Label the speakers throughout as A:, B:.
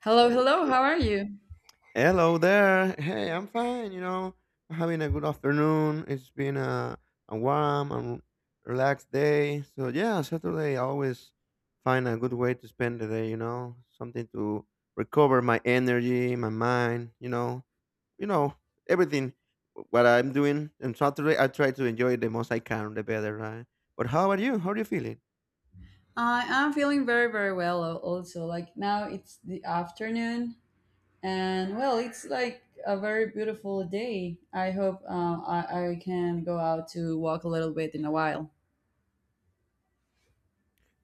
A: Hello,
B: So,
A: hello. How are you?
B: hello there. Hey, I'm fine. You know, I'm having a good afternoon. It's been a warm and relaxed day. So, yeah, Saturday, I always find a good way to spend the day, you know, something to recover my energy, my mind, you know, everything what I'm doing. And Saturday, I try to enjoy it the most I can, the better, right? But how about you? How are you feeling?
A: I am feeling very, very well. Also, like now it's the afternoon, and well, it's like a very beautiful day. I hope I can go out to walk a little bit in a while.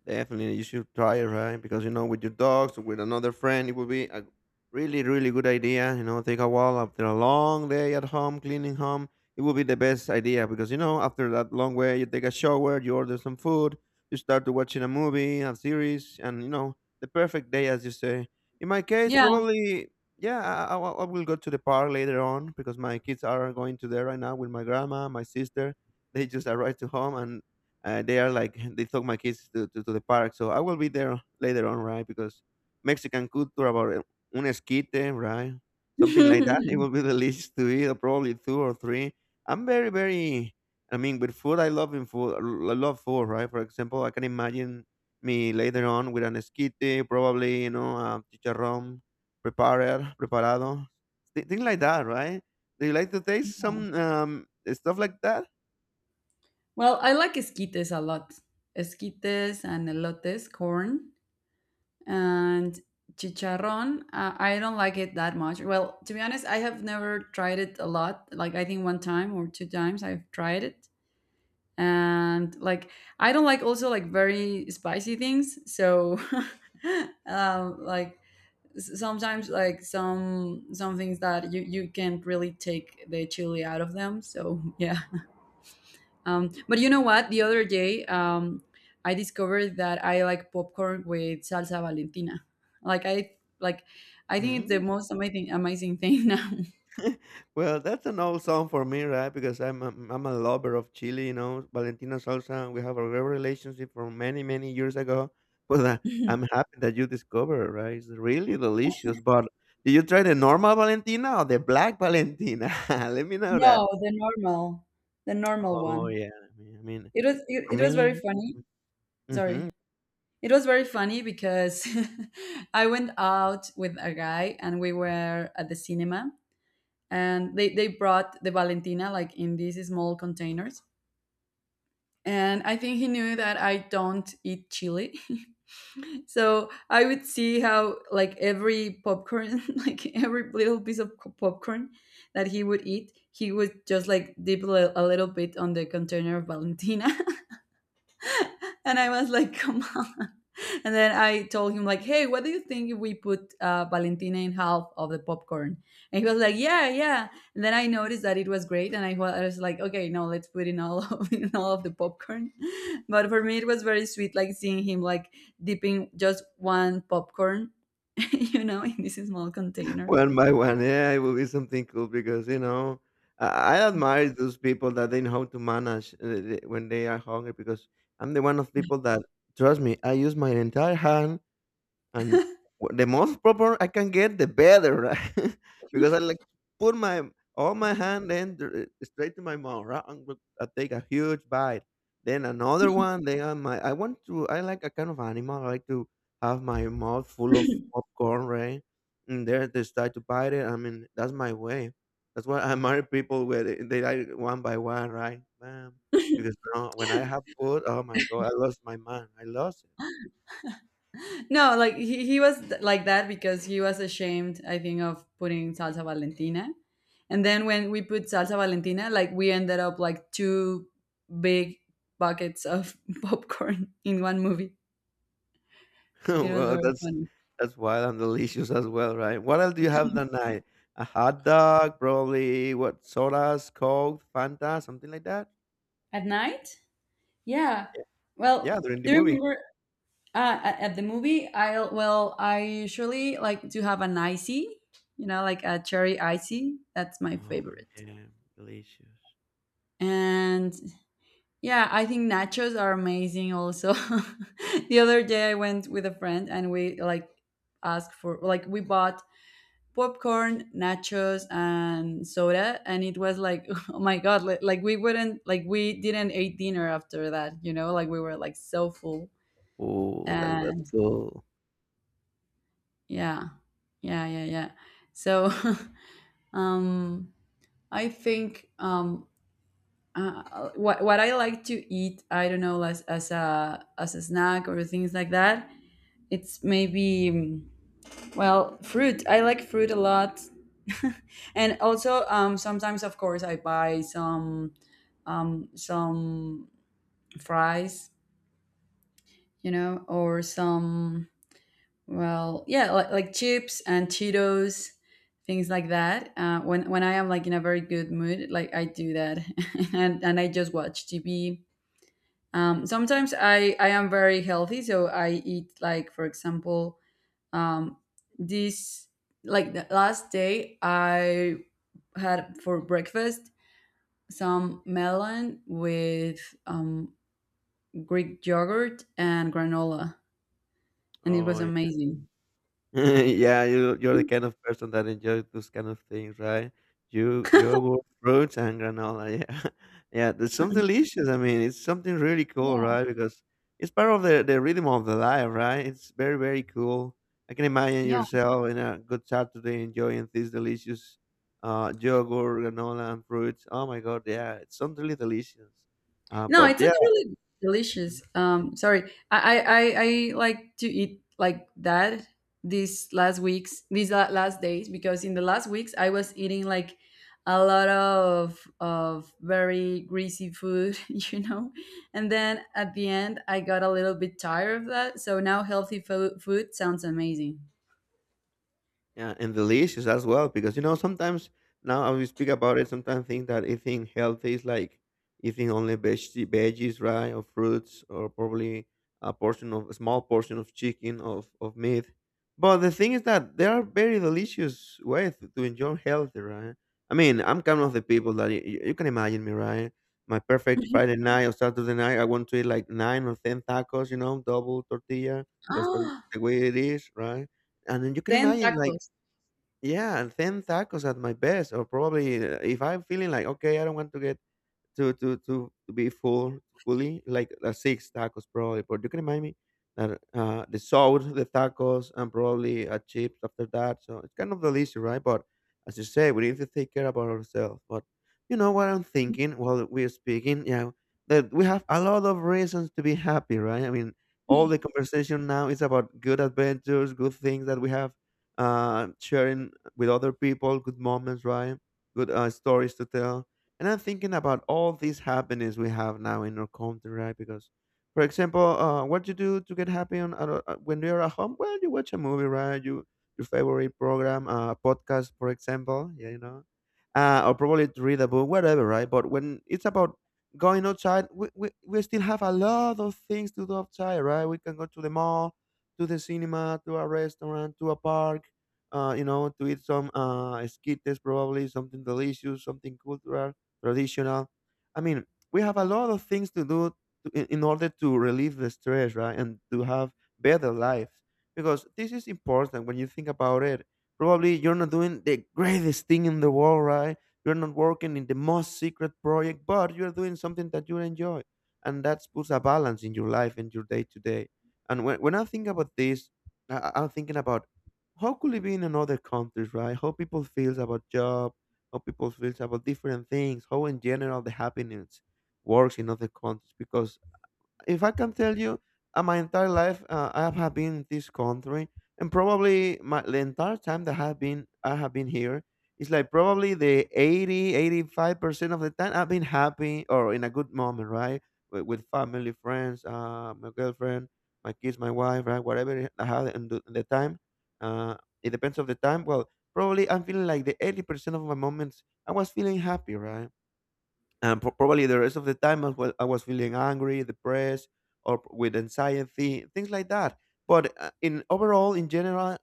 B: Definitely, you should try it, right? Because with your dogs or with another friend, it would be a really, really good idea. Take a walk after a long day at home, cleaning home. It would be the best idea because after that long way, you take a shower, you order some food, you start to watching a movie, a series, and the perfect day, as you say. In my case,
A: Yeah.
B: probably, yeah, I will go to the park later on because my kids are going to there right now with my grandma, my sister. They just arrived to home, and they are like they took my kids to the park, so I will be there later on, right? Because Mexican culture about un esquite, right? Something like that. It will be delicious to eat, probably two or three. I'm very, very. I mean, with food, I love in food. I love food, right? For example, I can imagine me later on with an esquite, probably chicharrón prepared, preparado, things like that, right? Do you like to taste some stuff like that?
A: Well, I like esquites a lot. Esquites and elotes, corn and chicharrón. I don't like it that much. Well, to be honest, I have never tried it a lot. Like I think one time or two times I've tried it, and like I don't like also like very spicy things, so like sometimes like some things that you can't really take the chili out of them, so yeah. Um, but you know what, the other day, I discovered that I like popcorn with salsa Valentina. Like I, like I think it's the
B: Mm.
A: most amazing thing now.
B: Well, that's an old song for me, right? Because I'm a lover of Chile, you know, Valentina Salsa. We have a great relationship from many many years ago. But I'm happy that you discovered, it, right? It's really delicious. But did you try the normal Valentina or the black Valentina? Let me know
A: No,
B: that.
A: the normal, the normal
B: Oh
A: one.
B: yeah, I mean,
A: It was, it,
B: for
A: it was very
B: me,
A: funny.
B: mhm.
A: Sorry. It was very funny because I went out with a guy, and we were at the cinema, and they brought the Valentina like in these small containers. And I think he knew that I don't eat chili. So I would see how, like every popcorn, like every little piece of popcorn that he would eat, he would just like dip a little bit on the container of Valentina. And I was like, come on. And then I told him like, hey, what do you think if we put Valentina in half of the popcorn? And he was like, yeah, yeah. And then I noticed that it was great, and I I was like, okay, no, let's put in all of in all of the popcorn. But for me, it was very sweet, like seeing him like dipping just one popcorn, you know, in this small container.
B: One by one, yeah, it will be something cool because I, I admire those people that they know how to manage when they are hungry because I'm the one of people that trust me. I use my entire hand and the most proper I can get, the better, right? because I like put my all my hand then straight to my mouth, right? And look, I take a huge bite, then another one. Then on my I want to I like a kind of animal. I like to have my mouth full of popcorn, right? And there they start to bite it. I mean that's my way. That's why I marry people where they like one by one, right? Bam. Because now when I have food, oh my god, I lost my mind. I lost it.
A: No, like he was like that because he was ashamed, I think, of putting salsa Valentina. And then when we put salsa Valentina, like we ended up like two big buckets of popcorn in one movie. It was
B: Well,
A: very
B: that's
A: funny.
B: that's wild and delicious as well, right? What else do you have that night? A hot dog, probably. What sodas, Coke, Fanta, something like that.
A: At night? Yeah.
B: Yeah,
A: Well,
B: during the
A: do you
B: movie.
A: remember at the movie? I, well, I usually like to have an icy, you know, like a cherry icy. That's my
B: Oh
A: favorite.
B: man, delicious.
A: And yeah, I think nachos are amazing also. The other day I went with a friend and we like asked for, like we bought popcorn, nachos and soda, and it was like oh my god, like we wouldn't, like we didn't eat dinner after that, you know? Like we were like so full.
B: Oh, that was
A: And
B: cool.
A: yeah. Yeah, yeah, yeah. So um I think what I like to eat, I don't know, as a as a snack or things like that, it's maybe well, fruit. I like fruit a lot. And also, sometimes of course I buy some fries, you know, or some, well, yeah, like chips and Cheetos, things like that, when I am like in a very good mood, like I do that. And I just watch TV. Sometimes I am very healthy, so I eat like, for example, um this, like the last day I had for breakfast some melon with Greek yogurt and granola, and it was
B: Oh
A: amazing.
B: yeah, you're the kind of person that enjoys those kind of things, right? You yogurt, fruits, and granola. Yeah, yeah, there's something delicious. I mean, it's something really cool, right? Because it's part of the rhythm of the life, right? It's very very cool. I can imagine
A: Yeah.
B: yourself in a good Saturday enjoying these delicious yogurt, granola, and fruits. Oh my God, yeah, it's something really delicious.
A: No,
B: But
A: it's
B: yeah.
A: actually delicious. Sorry, I like to eat like that these last weeks, last days, because in the last weeks I was eating like a lot of very greasy food, you know, and then at the end I got a little bit tired of that. So now healthy food sounds amazing.
B: Yeah, and delicious as well, because you know sometimes now I we speak about it, sometimes think that eating healthy is like eating only veggies, right, or fruits, or probably a portion of a small portion of chicken of meat. But the thing is that there are very delicious ways to enjoy healthy, right? I mean, I'm kind of the people that you can imagine me, right? My perfect Friday night or Saturday night, I want to eat like 9 or 10 tacos, you know, double tortilla because that's
A: Ah,
B: the way it is, right? And then you can
A: ten
B: imagine like
A: tacos.
B: yeah, and 10 tacos at my best, or probably if I'm feeling like, okay, I don't want to get to be full fully like six tacos probably. But you can remind me that the sauce, the tacos, and probably a chips after that. So it's kind of delicious, right? But as you say, we need to take care about ourselves. But you know what I'm thinking while we're speaking? Yeah, that we have a lot of reasons to be happy, right? I mean, all the conversation now is about good adventures, good things that we have sharing with other people, good moments, right? Good stories to tell, and I'm thinking about all these happiness we have now in our country, right? Because, for example, what you do to get happy when you're at home? Well, you watch a movie, right? Your favorite program, podcast, for example, yeah, or probably to read a book, whatever, right? But when it's about going outside, we still have a lot of things to do outside, right? We can go to the mall, to the cinema, to a restaurant, to a park, to eat some esquites, probably something delicious, something cultural traditional. I mean, we have a lot of things to do to, in order to relieve the stress, right? And to have better lives. Because this is important when you think about it. Probably you're not doing the greatest thing in the world, right? You're not working in the most secret project, but you're doing something that you enjoy. And that puts a balance in your life and your day to day. And when I think about this, I'm thinking about how could it be in another countries, right? How people feels about job, how people feel about different things, how in general the happiness works in other countries. Because if I can tell you, my entire life I have been in this country, and probably my the entire time that I have been here, it's like probably the eighty eighty five percent of the time I've been happy or in a good moment, right? With family, friends, my girlfriend, my kids, my wife, right? Whatever I had in the time, uh, it depends of the time. Well, probably I'm feeling like the 80% of my moments I was feeling happy, right? And probably the rest of the time I was feeling angry depressed or with anxiety things like that, but in overall in general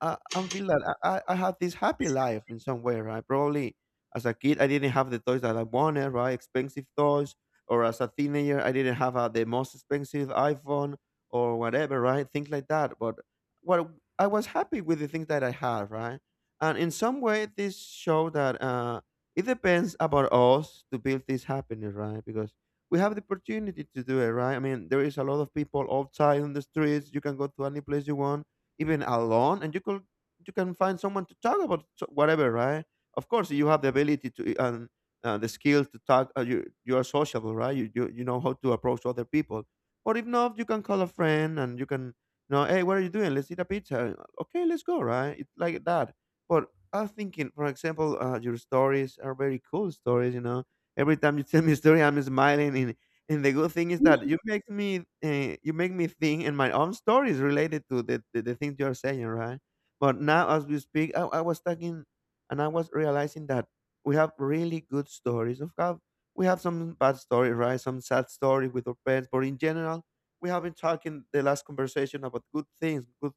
B: I feel that I have this happy life in some way, right? Probably as a kid, I didn't have the toys that I wanted, right? Expensive toys. Or as a teenager, I didn't have the most expensive iPhone or whatever, right? Things like that. But what I was happy with the things that I had, right? And in some way, this show that it depends about us to build this happiness, right? Because we have the opportunity to do it, right? I mean, there is a lot of people outside on the streets. You can go to any place you want even alone, and you can find someone to talk about whatever, right? Of course you have the ability and the skill to talk, you are sociable, right? You know how to approach other people, but if not you can call a friend and you can hey, what are you doing, let's eat a pizza, okay, let's go, right? It's like that. But I'm thinking, for example, your stories are very cool stories. Every time you tell me a story, I'm smiling. And the good thing is that you make me think in my own stories related to the things you're saying, right? But now as we speak, I was talking and I was realizing that we have really good stories of how we have some bad stories, right? Some sad stories with our parents, but in general, we have been talking the last conversation about good things, good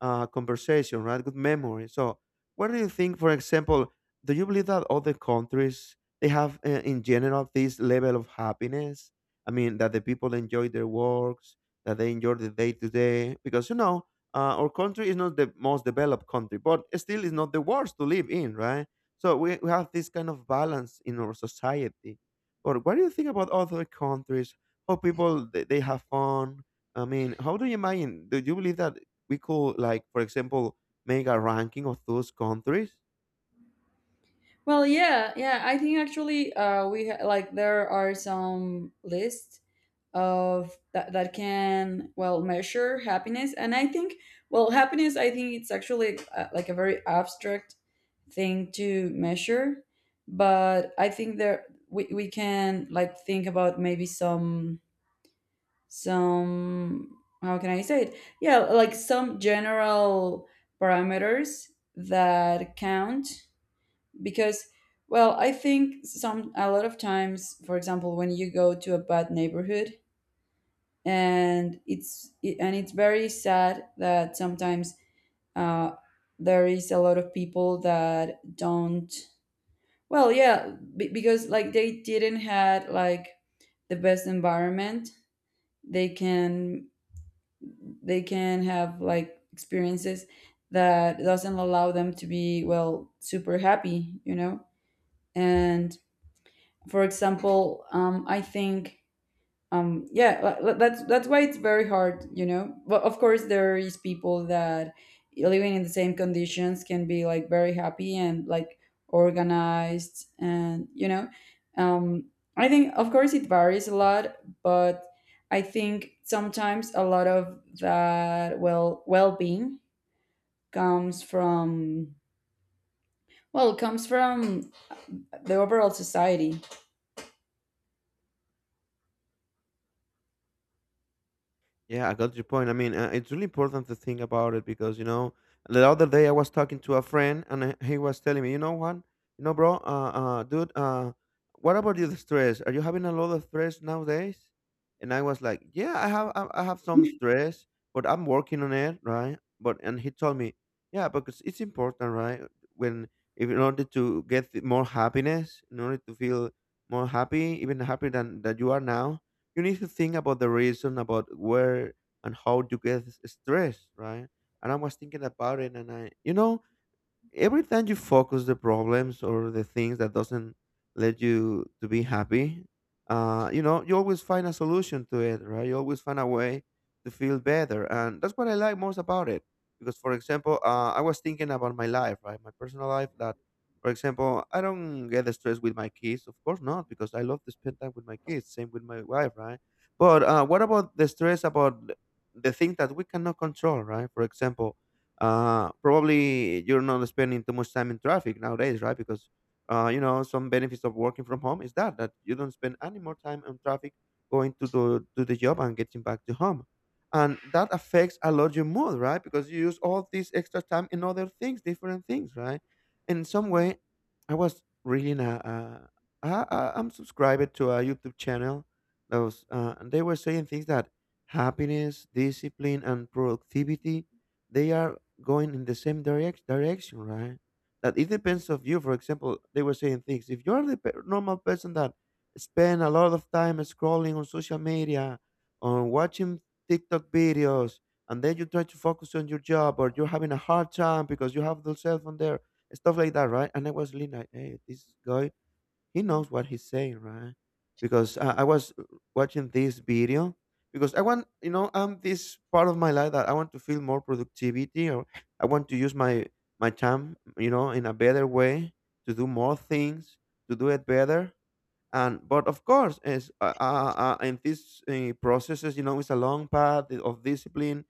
B: conversation, right? Good memory. So, what do you think? For example, do you believe that other countries they have, in general, this level of happiness? I mean, that the people enjoy their works, that they enjoy the day to day, because our country is not the most developed country, but still is not the worst to live in, right? So we have this kind of balance in our society. But what do you think about other countries? How people they have fun? I mean, how do you imagine? Do you believe that we could, like, for example, make a ranking of those countries?
A: Well, yeah, yeah. I think actually, we like there are some lists of that that can well measure happiness. And I think, well, happiness, I think it's actually, like a very abstract thing to measure. But I think there we can like think about maybe some, how can I say it, yeah, like some general parameters that count. Because well, I think some, a lot of times, for example, when you go to a bad neighborhood, and it's, and it's very sad that sometimes uh, there is a lot of people that don't, well, yeah, because like they didn't had like the best environment. They can, they can have like experiences that doesn't allow them to be well super happy, you know? And for example, I think, yeah, that's why it's very hard, you know? But of course there is people that living in the same conditions can be like very happy and like organized, and you know, um I think of course it varies a lot. But I think sometimes a lot of that, well, well-being comes from, well, comes from the overall society.
B: Yeah, I got your point. I mean, it's really important to think about it because you know, the other day I was talking to a friend and he was telling me, you know what, you know, bro, dude, what about you, the stress? Are you having a lot of stress nowadays? And I was like, yeah, I have, I have some stress, but I'm working on it, right? But and he told me, yeah, because it's important, right? When if in order to get more happiness, in order to feel more happy, even happier than that you are now, you need to think about the reason about where and how you get stressed, right? And I was thinking about it, and I, you know, every time you focus the problems or the things that doesn't let you to be happy, you know, you always find a solution to it, right? You always find a way to feel better, and that's what I like most about it. Because, for example, I was thinking about my life, right? My personal life, that for example I don't get stressed with my kids, of course not, because I love to spend time with my kids, same with my wife, right? But what about the stress about the things that we cannot control, right? For example, probably you're not spending too much time in traffic nowadays, right? Because you know, some benefits of working from home is that you don't spend any more time on traffic, going to the job and getting back to home, and that affects a lot your mood, right? Because you use all this extra time in other things, different things, right? In some way, I was reading I'm subscribed to a YouTube channel that was, and they were saying things that happiness, discipline, and productivity, they are going in the same direction, right? That it depends of you. For example, they were saying things. If you're the normal person that spend a lot of time scrolling on social media, on watching TikTok videos, and then you try to focus on your job, or you're having a hard time because you have the cell phone there, stuff like that, right? And I was really like, hey, this guy he knows what he's saying, right? Because I was watching this video because I want, you know, I'm this part of my life that I want to feel more productivity, or I want to use my my time, you know, in a better way to do more things, to do it better. And but of course as in these processes, you know, it's a long path of discipline,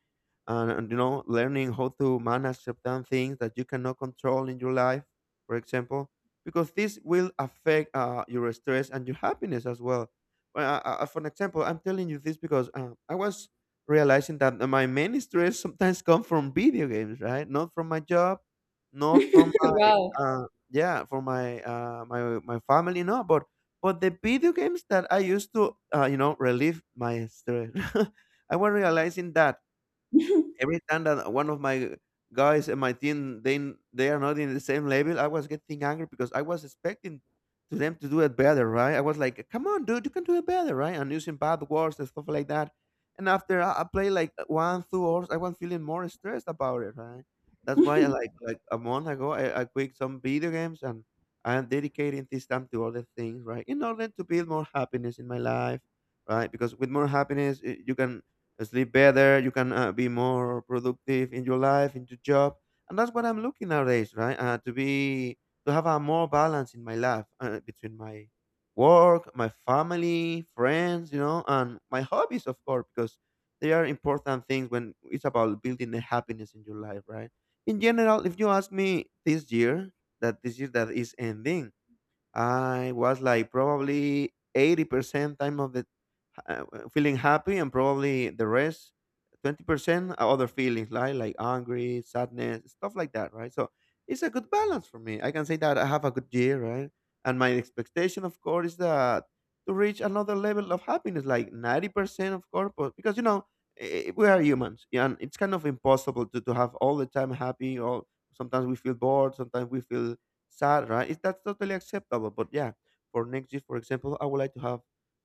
B: and you know, learning how to manage certain things that you cannot control in your life, for example, because this will affect your stress and your happiness as well. Well, for an example, I'm telling you this because I was realizing that my main stress sometimes come from video games, right? Not from my job, not from my
A: Wow.
B: uh, yeah, from my my family, no, but but the video games that I used to, you know, relieve my stress, I was realizing that every time that one of my guys in my team they are not in the same level, I was getting angry because I was expecting to them to do it better, right? I was like, "Come on, dude, you can do it better, right?" And using bad words and stuff like that. And after I play like one, 2 hours, I was feeling more stressed about it, right? That's why, I like a month ago, I quit some video games, and I am dedicating this time to other things, right? In order to build more happiness in my life, right? Because with more happiness, you can sleep better, you can be more productive in your life, in your job, and that's what I'm looking nowadays, right? To be, to have a more balance in my life between my work, my family, friends, you know, and my hobbies, of course, because they are important things when it's about building the happiness in your life, right? In general, if you ask me this year, that this year that is ending, I was like probably 80% time of the uh, feeling happy, and probably the rest 20% are other feelings like angry, sadness, stuff like that, right? So it's a good balance for me. I can say that I have a good year, right? And my expectation, of course, is that to reach another level of happiness, like 90%, of course, because you know, we are humans, yeah, and it's kind of impossible to have all the time happy, or sometimes we feel bored, sometimes we feel sad, right? It, that's totally acceptable. But yeah, for next year, for example, I would like to have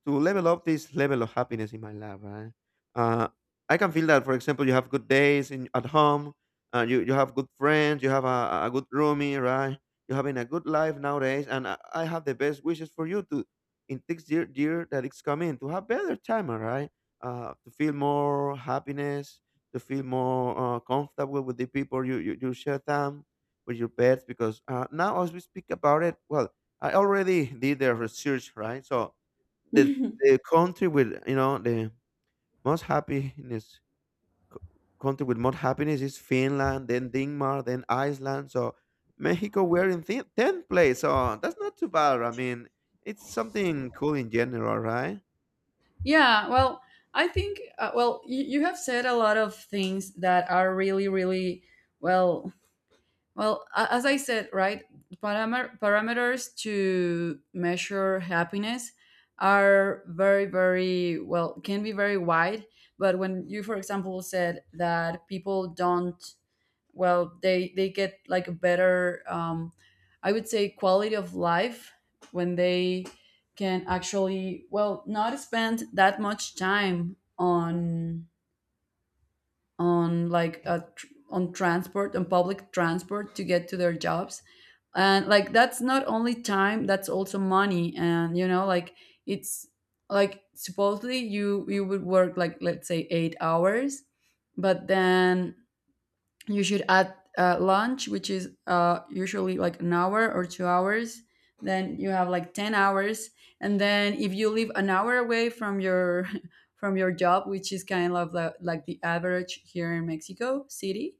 B: to level up this level of happiness in my life, right? Uh, I can feel that, for example, you have good days in at home, you, you have good friends, you have a good roomie, right? You're having a good life nowadays, and I have the best wishes for you to in next year, year that it's coming, to have better time, all right? To feel more happiness, to feel more comfortable with the people you, you, you share time with, your pets, because now as we speak about it, well, I already did the research, right? So the the country with, you know, the most happiness, country with most happiness is Finland, then Denmark, then Iceland. So Mexico, we're in 10th place, so that's not too bad. I mean, it's something cool in general, right?
A: Yeah, well, I think, well, you have said a lot of things that are really, really, well, well, as I said, right, parameters to measure happiness are very, very, well, can be very wide. But when you, for example, said that people don't, well, they get like a better, I would say quality of life, when they can actually, well, not spend that much time on like a, on transport, on public transport to get to their jobs. And like that's not only time, that's also money, and you know, like it's, like supposedly you would work like let's say 8 hours, but then you should add lunch, which is usually like an hour or 2 hours. Then you have like 10 hours. And then if you live an hour away from your from your job, which is kind of the, like the average here in Mexico City,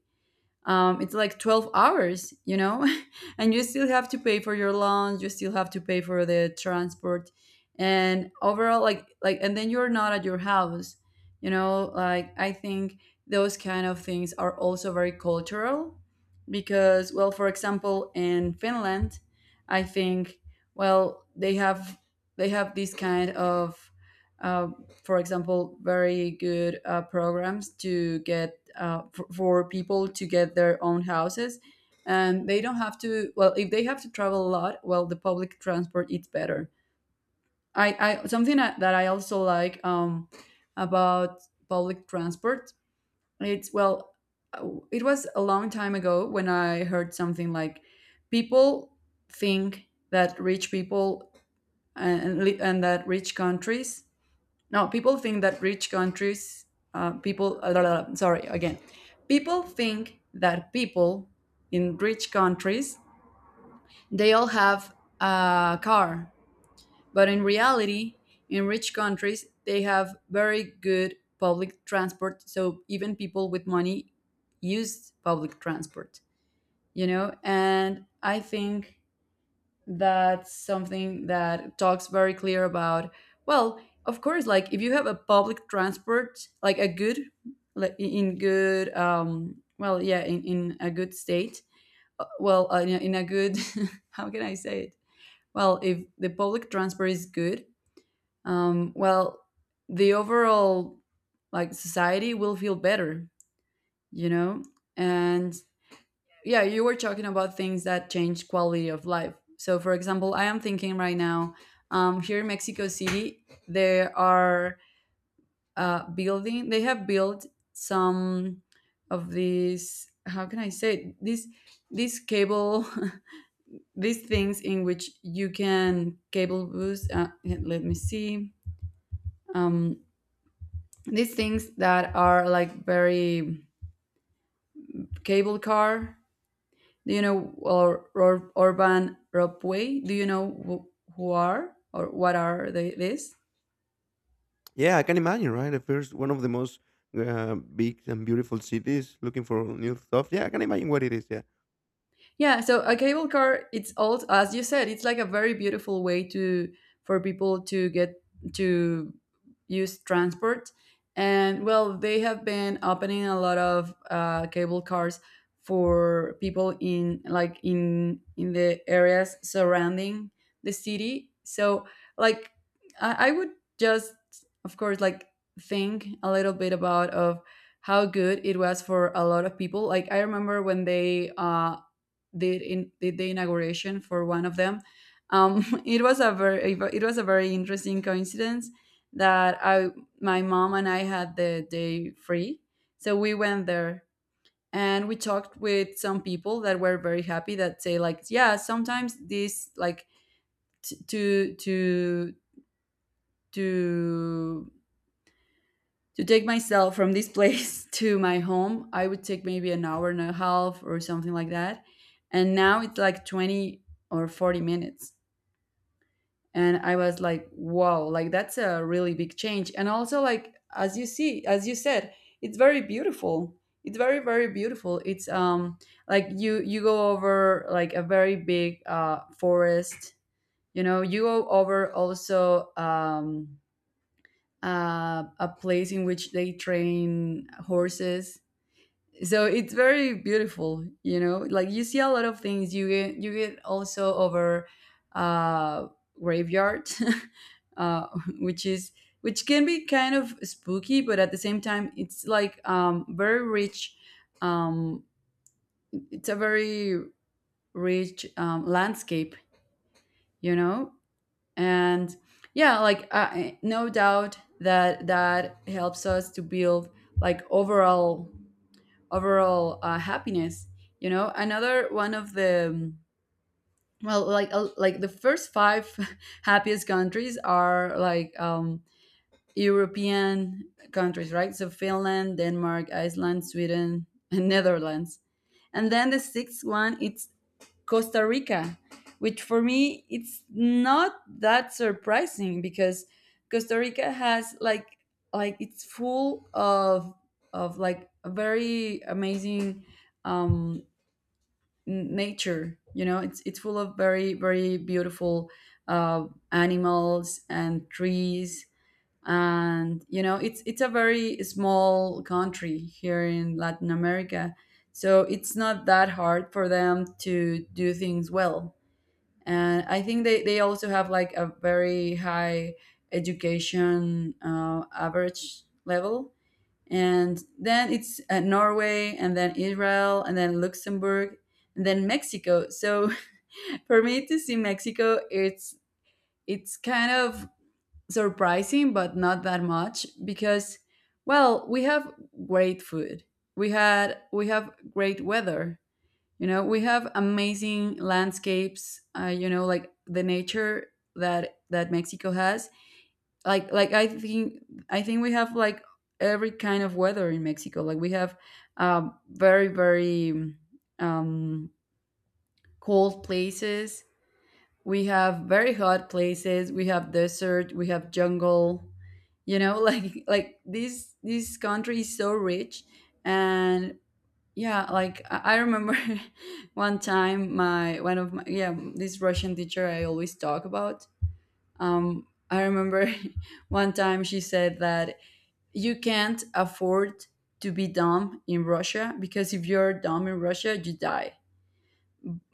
A: it's like 12 hours, you know? And you still have to pay for your loans, you still have to pay for the transport, and overall, like, and then you're not at your house, you know? Like I think those kind of things are also very cultural, because well, for example, in Finland, I think, well, they have, they have this kind of, uh, for example, very good programs to get for people to get their own houses. And they don't have to, well, if they have to travel a lot, well, the public transport is better. I, something that I also like, about public transport, it's, well, it was a long time ago when I heard something like, people think that rich people and, and that rich countries, no, people think that rich countries, people, sorry, again. People think that people in rich countries, they all have a car. But in reality, in rich countries, they have very good public transport. So even people with money use public transport, you know? And I think that's something that talks very clear about, well, of course, like if you have a public transport like a good, like in good, well, yeah, in a good state, well, in a good how can I say it, well, if the public transport is good, well, the overall, like society will feel better, you know? And yeah, you were talking about things that change quality of life. So for example, I am thinking right now, here in Mexico City, they are, building, they have built some of these, how can I say it? These cable, these things in which you can cable boost, let me see, um, these things that are like very, cable car. Do you know, or Urban Ropeway? Do you know who are, or what are they, this?
B: Yeah, I can imagine, right? The first one of the most big and beautiful cities looking for new stuff. Yeah, I can imagine what it is. Yeah.
A: Yeah, so a cable car, it's all, as you said, it's like a very beautiful way to, for people to get to use transport. And well, they have been opening a lot of cable cars for people in like in the areas surrounding the city. So like I would just, of course, like think a little bit about of how good it was for a lot of people. Like I remember when they did in did the inauguration for one of them. It was a very interesting coincidence that I my mom and I had the day free, so we went there and we talked with some people that were very happy, that say, like, "Yeah, sometimes this, like, t- to to to to take myself from this place to my home I would take maybe an hour and a half or something like that, and now it's like 20 or 40 minutes." And I was like, wow, like, that's a really big change. And also, like, as you said, it's very beautiful. It's very, very beautiful. It's like, you go over, like, a very big forest, you know. You go over also, a place in which they train horses, so it's very beautiful, you know. Like, you see a lot of things. You get also over uh graveyard, uh which is which can be kind of spooky, but at the same time it's like, very rich, um it's a very rich, landscape, you know. And yeah, like, no doubt that helps us to build, like, overall, happiness, you know. Another one of the, well, like, like, the first five happiest countries are, like, European countries, right? So Finland, Denmark, Iceland, Sweden, and Netherlands. And then the sixth one, it's Costa Rica, which for me it's not that surprising because Costa Rica has, like, it's full of, like, a very amazing, um, nature. You know, it's full of very, very beautiful, uh, animals and trees. And you know, it's a very small country here in Latin America, so it's not that hard for them to do things well. And I think they also have, like, a very high education, average level. And then it's, Norway, and then Israel, and then Luxembourg, and then Mexico. So for me to see Mexico, it's kind of surprising, but not that much, because, well, we have great food. We have great weather. You know, we have amazing landscapes, you know, like the nature that Mexico has. Like, I think we have, like, every kind of weather in Mexico. Like, we have, very, very, um, cold places. We have very hot places. We have desert. We have jungle. You know, like, this country is so rich. And yeah, like, I remember one time my, one of my yeah, this Russian teacher I always talk about. I remember, one time she said that you can't afford to be dumb in Russia, because if you're dumb in Russia, you die.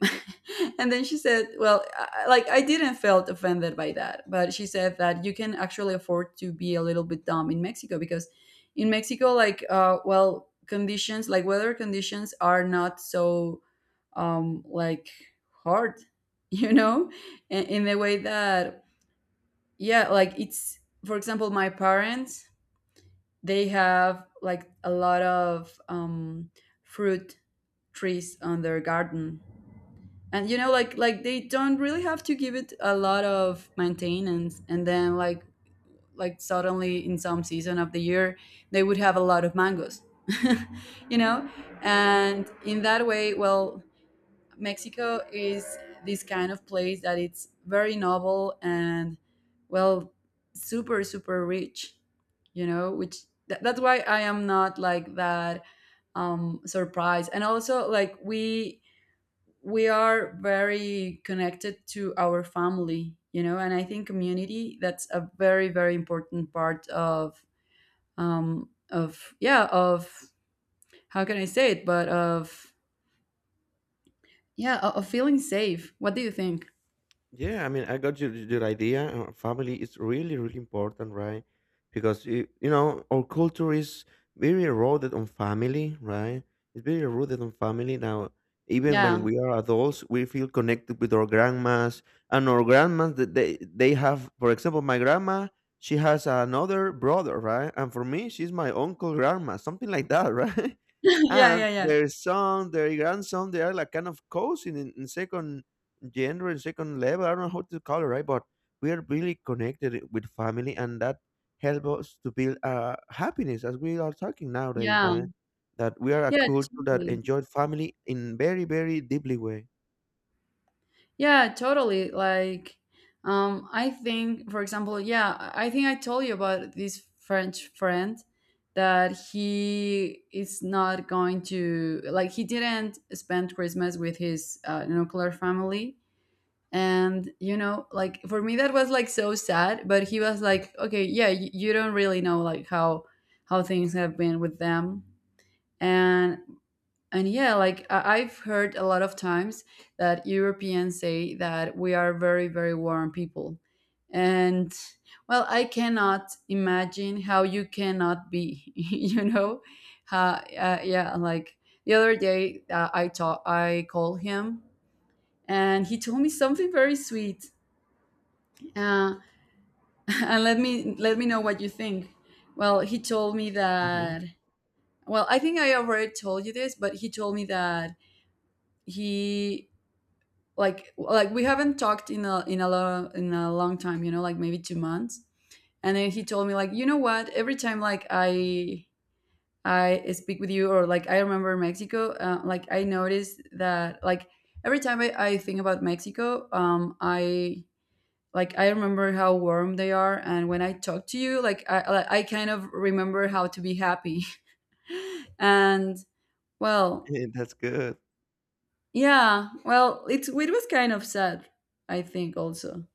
A: And then she said, well, like, I didn't felt offended by that, but she said that you can actually afford to be a little bit dumb in Mexico, because in Mexico, like, well, conditions like weather conditions are not so, like, hard, you know, in the way that, yeah, like, it's, for example, my parents, they have, like, a lot of, fruit trees on their garden. And you know, like, they don't really have to give it a lot of maintenance. And then, like, suddenly in some season of the year, they would have a lot of mangoes, you know. And in that way, well, Mexico is this kind of place that it's very novel and, well, super, super rich, you know. Which, that's why I am not, like, that, surprised. And also, like, we are very connected to our family, you know. And I think community, that's a very, very important part of, yeah, of how can I say it, but of, yeah, of feeling safe. What do you think?
B: Yeah, I mean, I got your idea. Family is really, really important, right? Because you know, our culture is very rooted on family, right? It's very rooted on family. Now, even when
A: Yeah.
B: we are adults, we feel connected with our grandmas and our grandmas. That they have, for example, my grandma. She has another brother, right? And for me, she's my uncle grandma, something like that, right?
A: Yeah,
B: And
A: yeah, yeah,
B: their son, their grandson, they are like kind of cousin in second gender and second level. I don't know how to call it, right? But we are really connected with family, and that helps us to build happiness, as we are talking nowadays,
A: yeah,
B: right? That we are a
A: yeah,
B: culture that
A: totally.
B: enjoyed family in very, very deeply way.
A: Yeah, totally. Like, I think, for example, yeah, I think I told you about this French friend that, he is not going to like, he didn't spend Christmas with his, nuclear family, and you know, like, for me that was like so sad. But he was like, okay, yeah, you don't really know, like, how things have been with them, and and yeah, like, I've heard a lot of times that Europeans say that we are very, very warm people. And, well, I cannot imagine how you cannot be, you know? Yeah, like, the other day, I called him and he told me something very sweet. Uh, and let me know what you think. Well, he told me
B: Mhm.
A: that, well, I think I already told you this, but he told me that he, like, we haven't talked in a long time, you know, like, maybe 2 months. And then he told me, like, you know what, every time, like, I speak with you, or, like, I remember Mexico, like, I noticed that, like, every time I think about Mexico, I like, I remember how warm they are. And when I talk to you, like, I kind of remember how to be happy. And, well,
B: That's good.
A: yeah, well, it was kind of sad, I think. Also,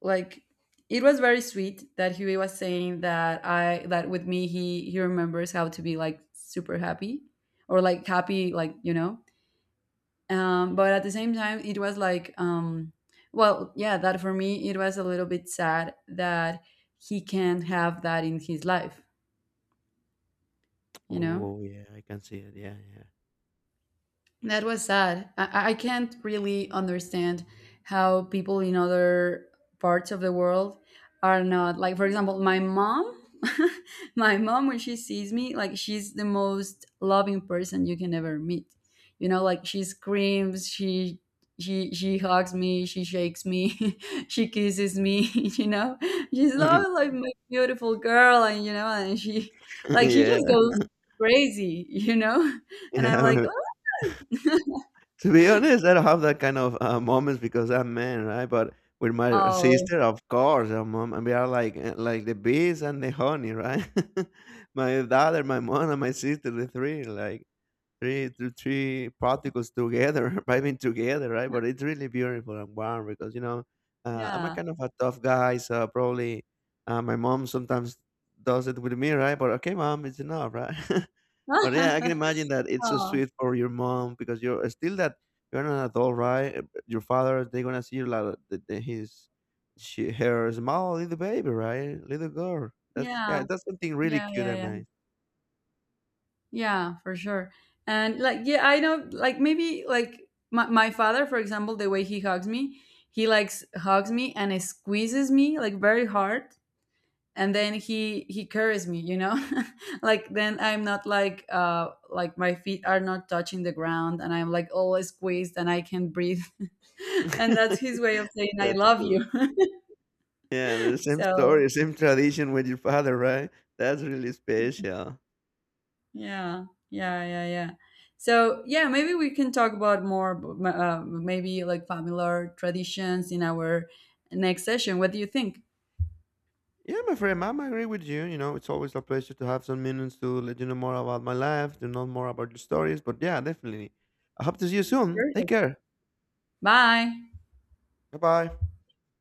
A: like, it was very sweet that Huey was saying that with me he remembers how to be, like, super happy, or, like, happy, like, you know, but at the same time it was like, well, yeah, that for me it was a little bit sad that he can't have that in his life, you know.
B: Oh yeah, I can see it. Yeah, yeah,
A: That was sad. I can't really understand how people in other parts of the world are not like, for example, my mom. My mom, when she sees me, like, she's the most loving person you can ever meet. You know, like, she screams, she hugs me, she shakes me, she kisses me. You know, she's love, like, "my beautiful girl," and you know, and she, like, she just
B: yeah,
A: goes crazy. You know, and I'm like.
B: yeah. To be honest, I don't have that kind of moments because I'm man, right? But with my
A: Oh,
B: sister, of course, our mom, and we are like, like the bees and the honey, right? My daughter, my mom, and my sister, the three, like three to three particles together, vibing together, right? But it's really beautiful and warm because you know, I'm a
A: yeah.
B: kind of a tough guy, so probably my mom sometimes does it with me, right? But okay, mom, it's enough, right? But yeah, I can imagine that it's so
A: Oh,
B: sweet for your mom because you're still that, you're an adult, right? But your father, they're gonna see like her small little baby, right? Little girl. That's, yeah,
A: yeah.
B: that's something really
A: Yeah,
B: cute and
A: yeah, yeah.
B: nice.
A: Yeah, for sure. And, like, yeah, I know, like, maybe, like, my father, for example, the way he hugs me, he likes hugs me and squeezes me, like, very hard. And then he carries me, you know? Like, then I'm not, like, like, my feet are not touching the ground, and I'm, like, all squeezed and I can't breathe. And that's his way of saying "I
B: That's
A: love
B: cool.
A: you."
B: Yeah, the same
A: So
B: story, same tradition with your father, right? That's really special.
A: yeah, yeah, yeah, yeah. So yeah, maybe we can talk about more, maybe, like, familiar traditions in our next session. What do you think?
B: Yeah, my friend, ma'am, I agree with you. You know, it's always a pleasure to have some minutes to let you know more about my life, to know more about your stories. But yeah, definitely. I hope to see you soon.
A: Sure.
B: Take care.
A: Bye.
B: 拜拜。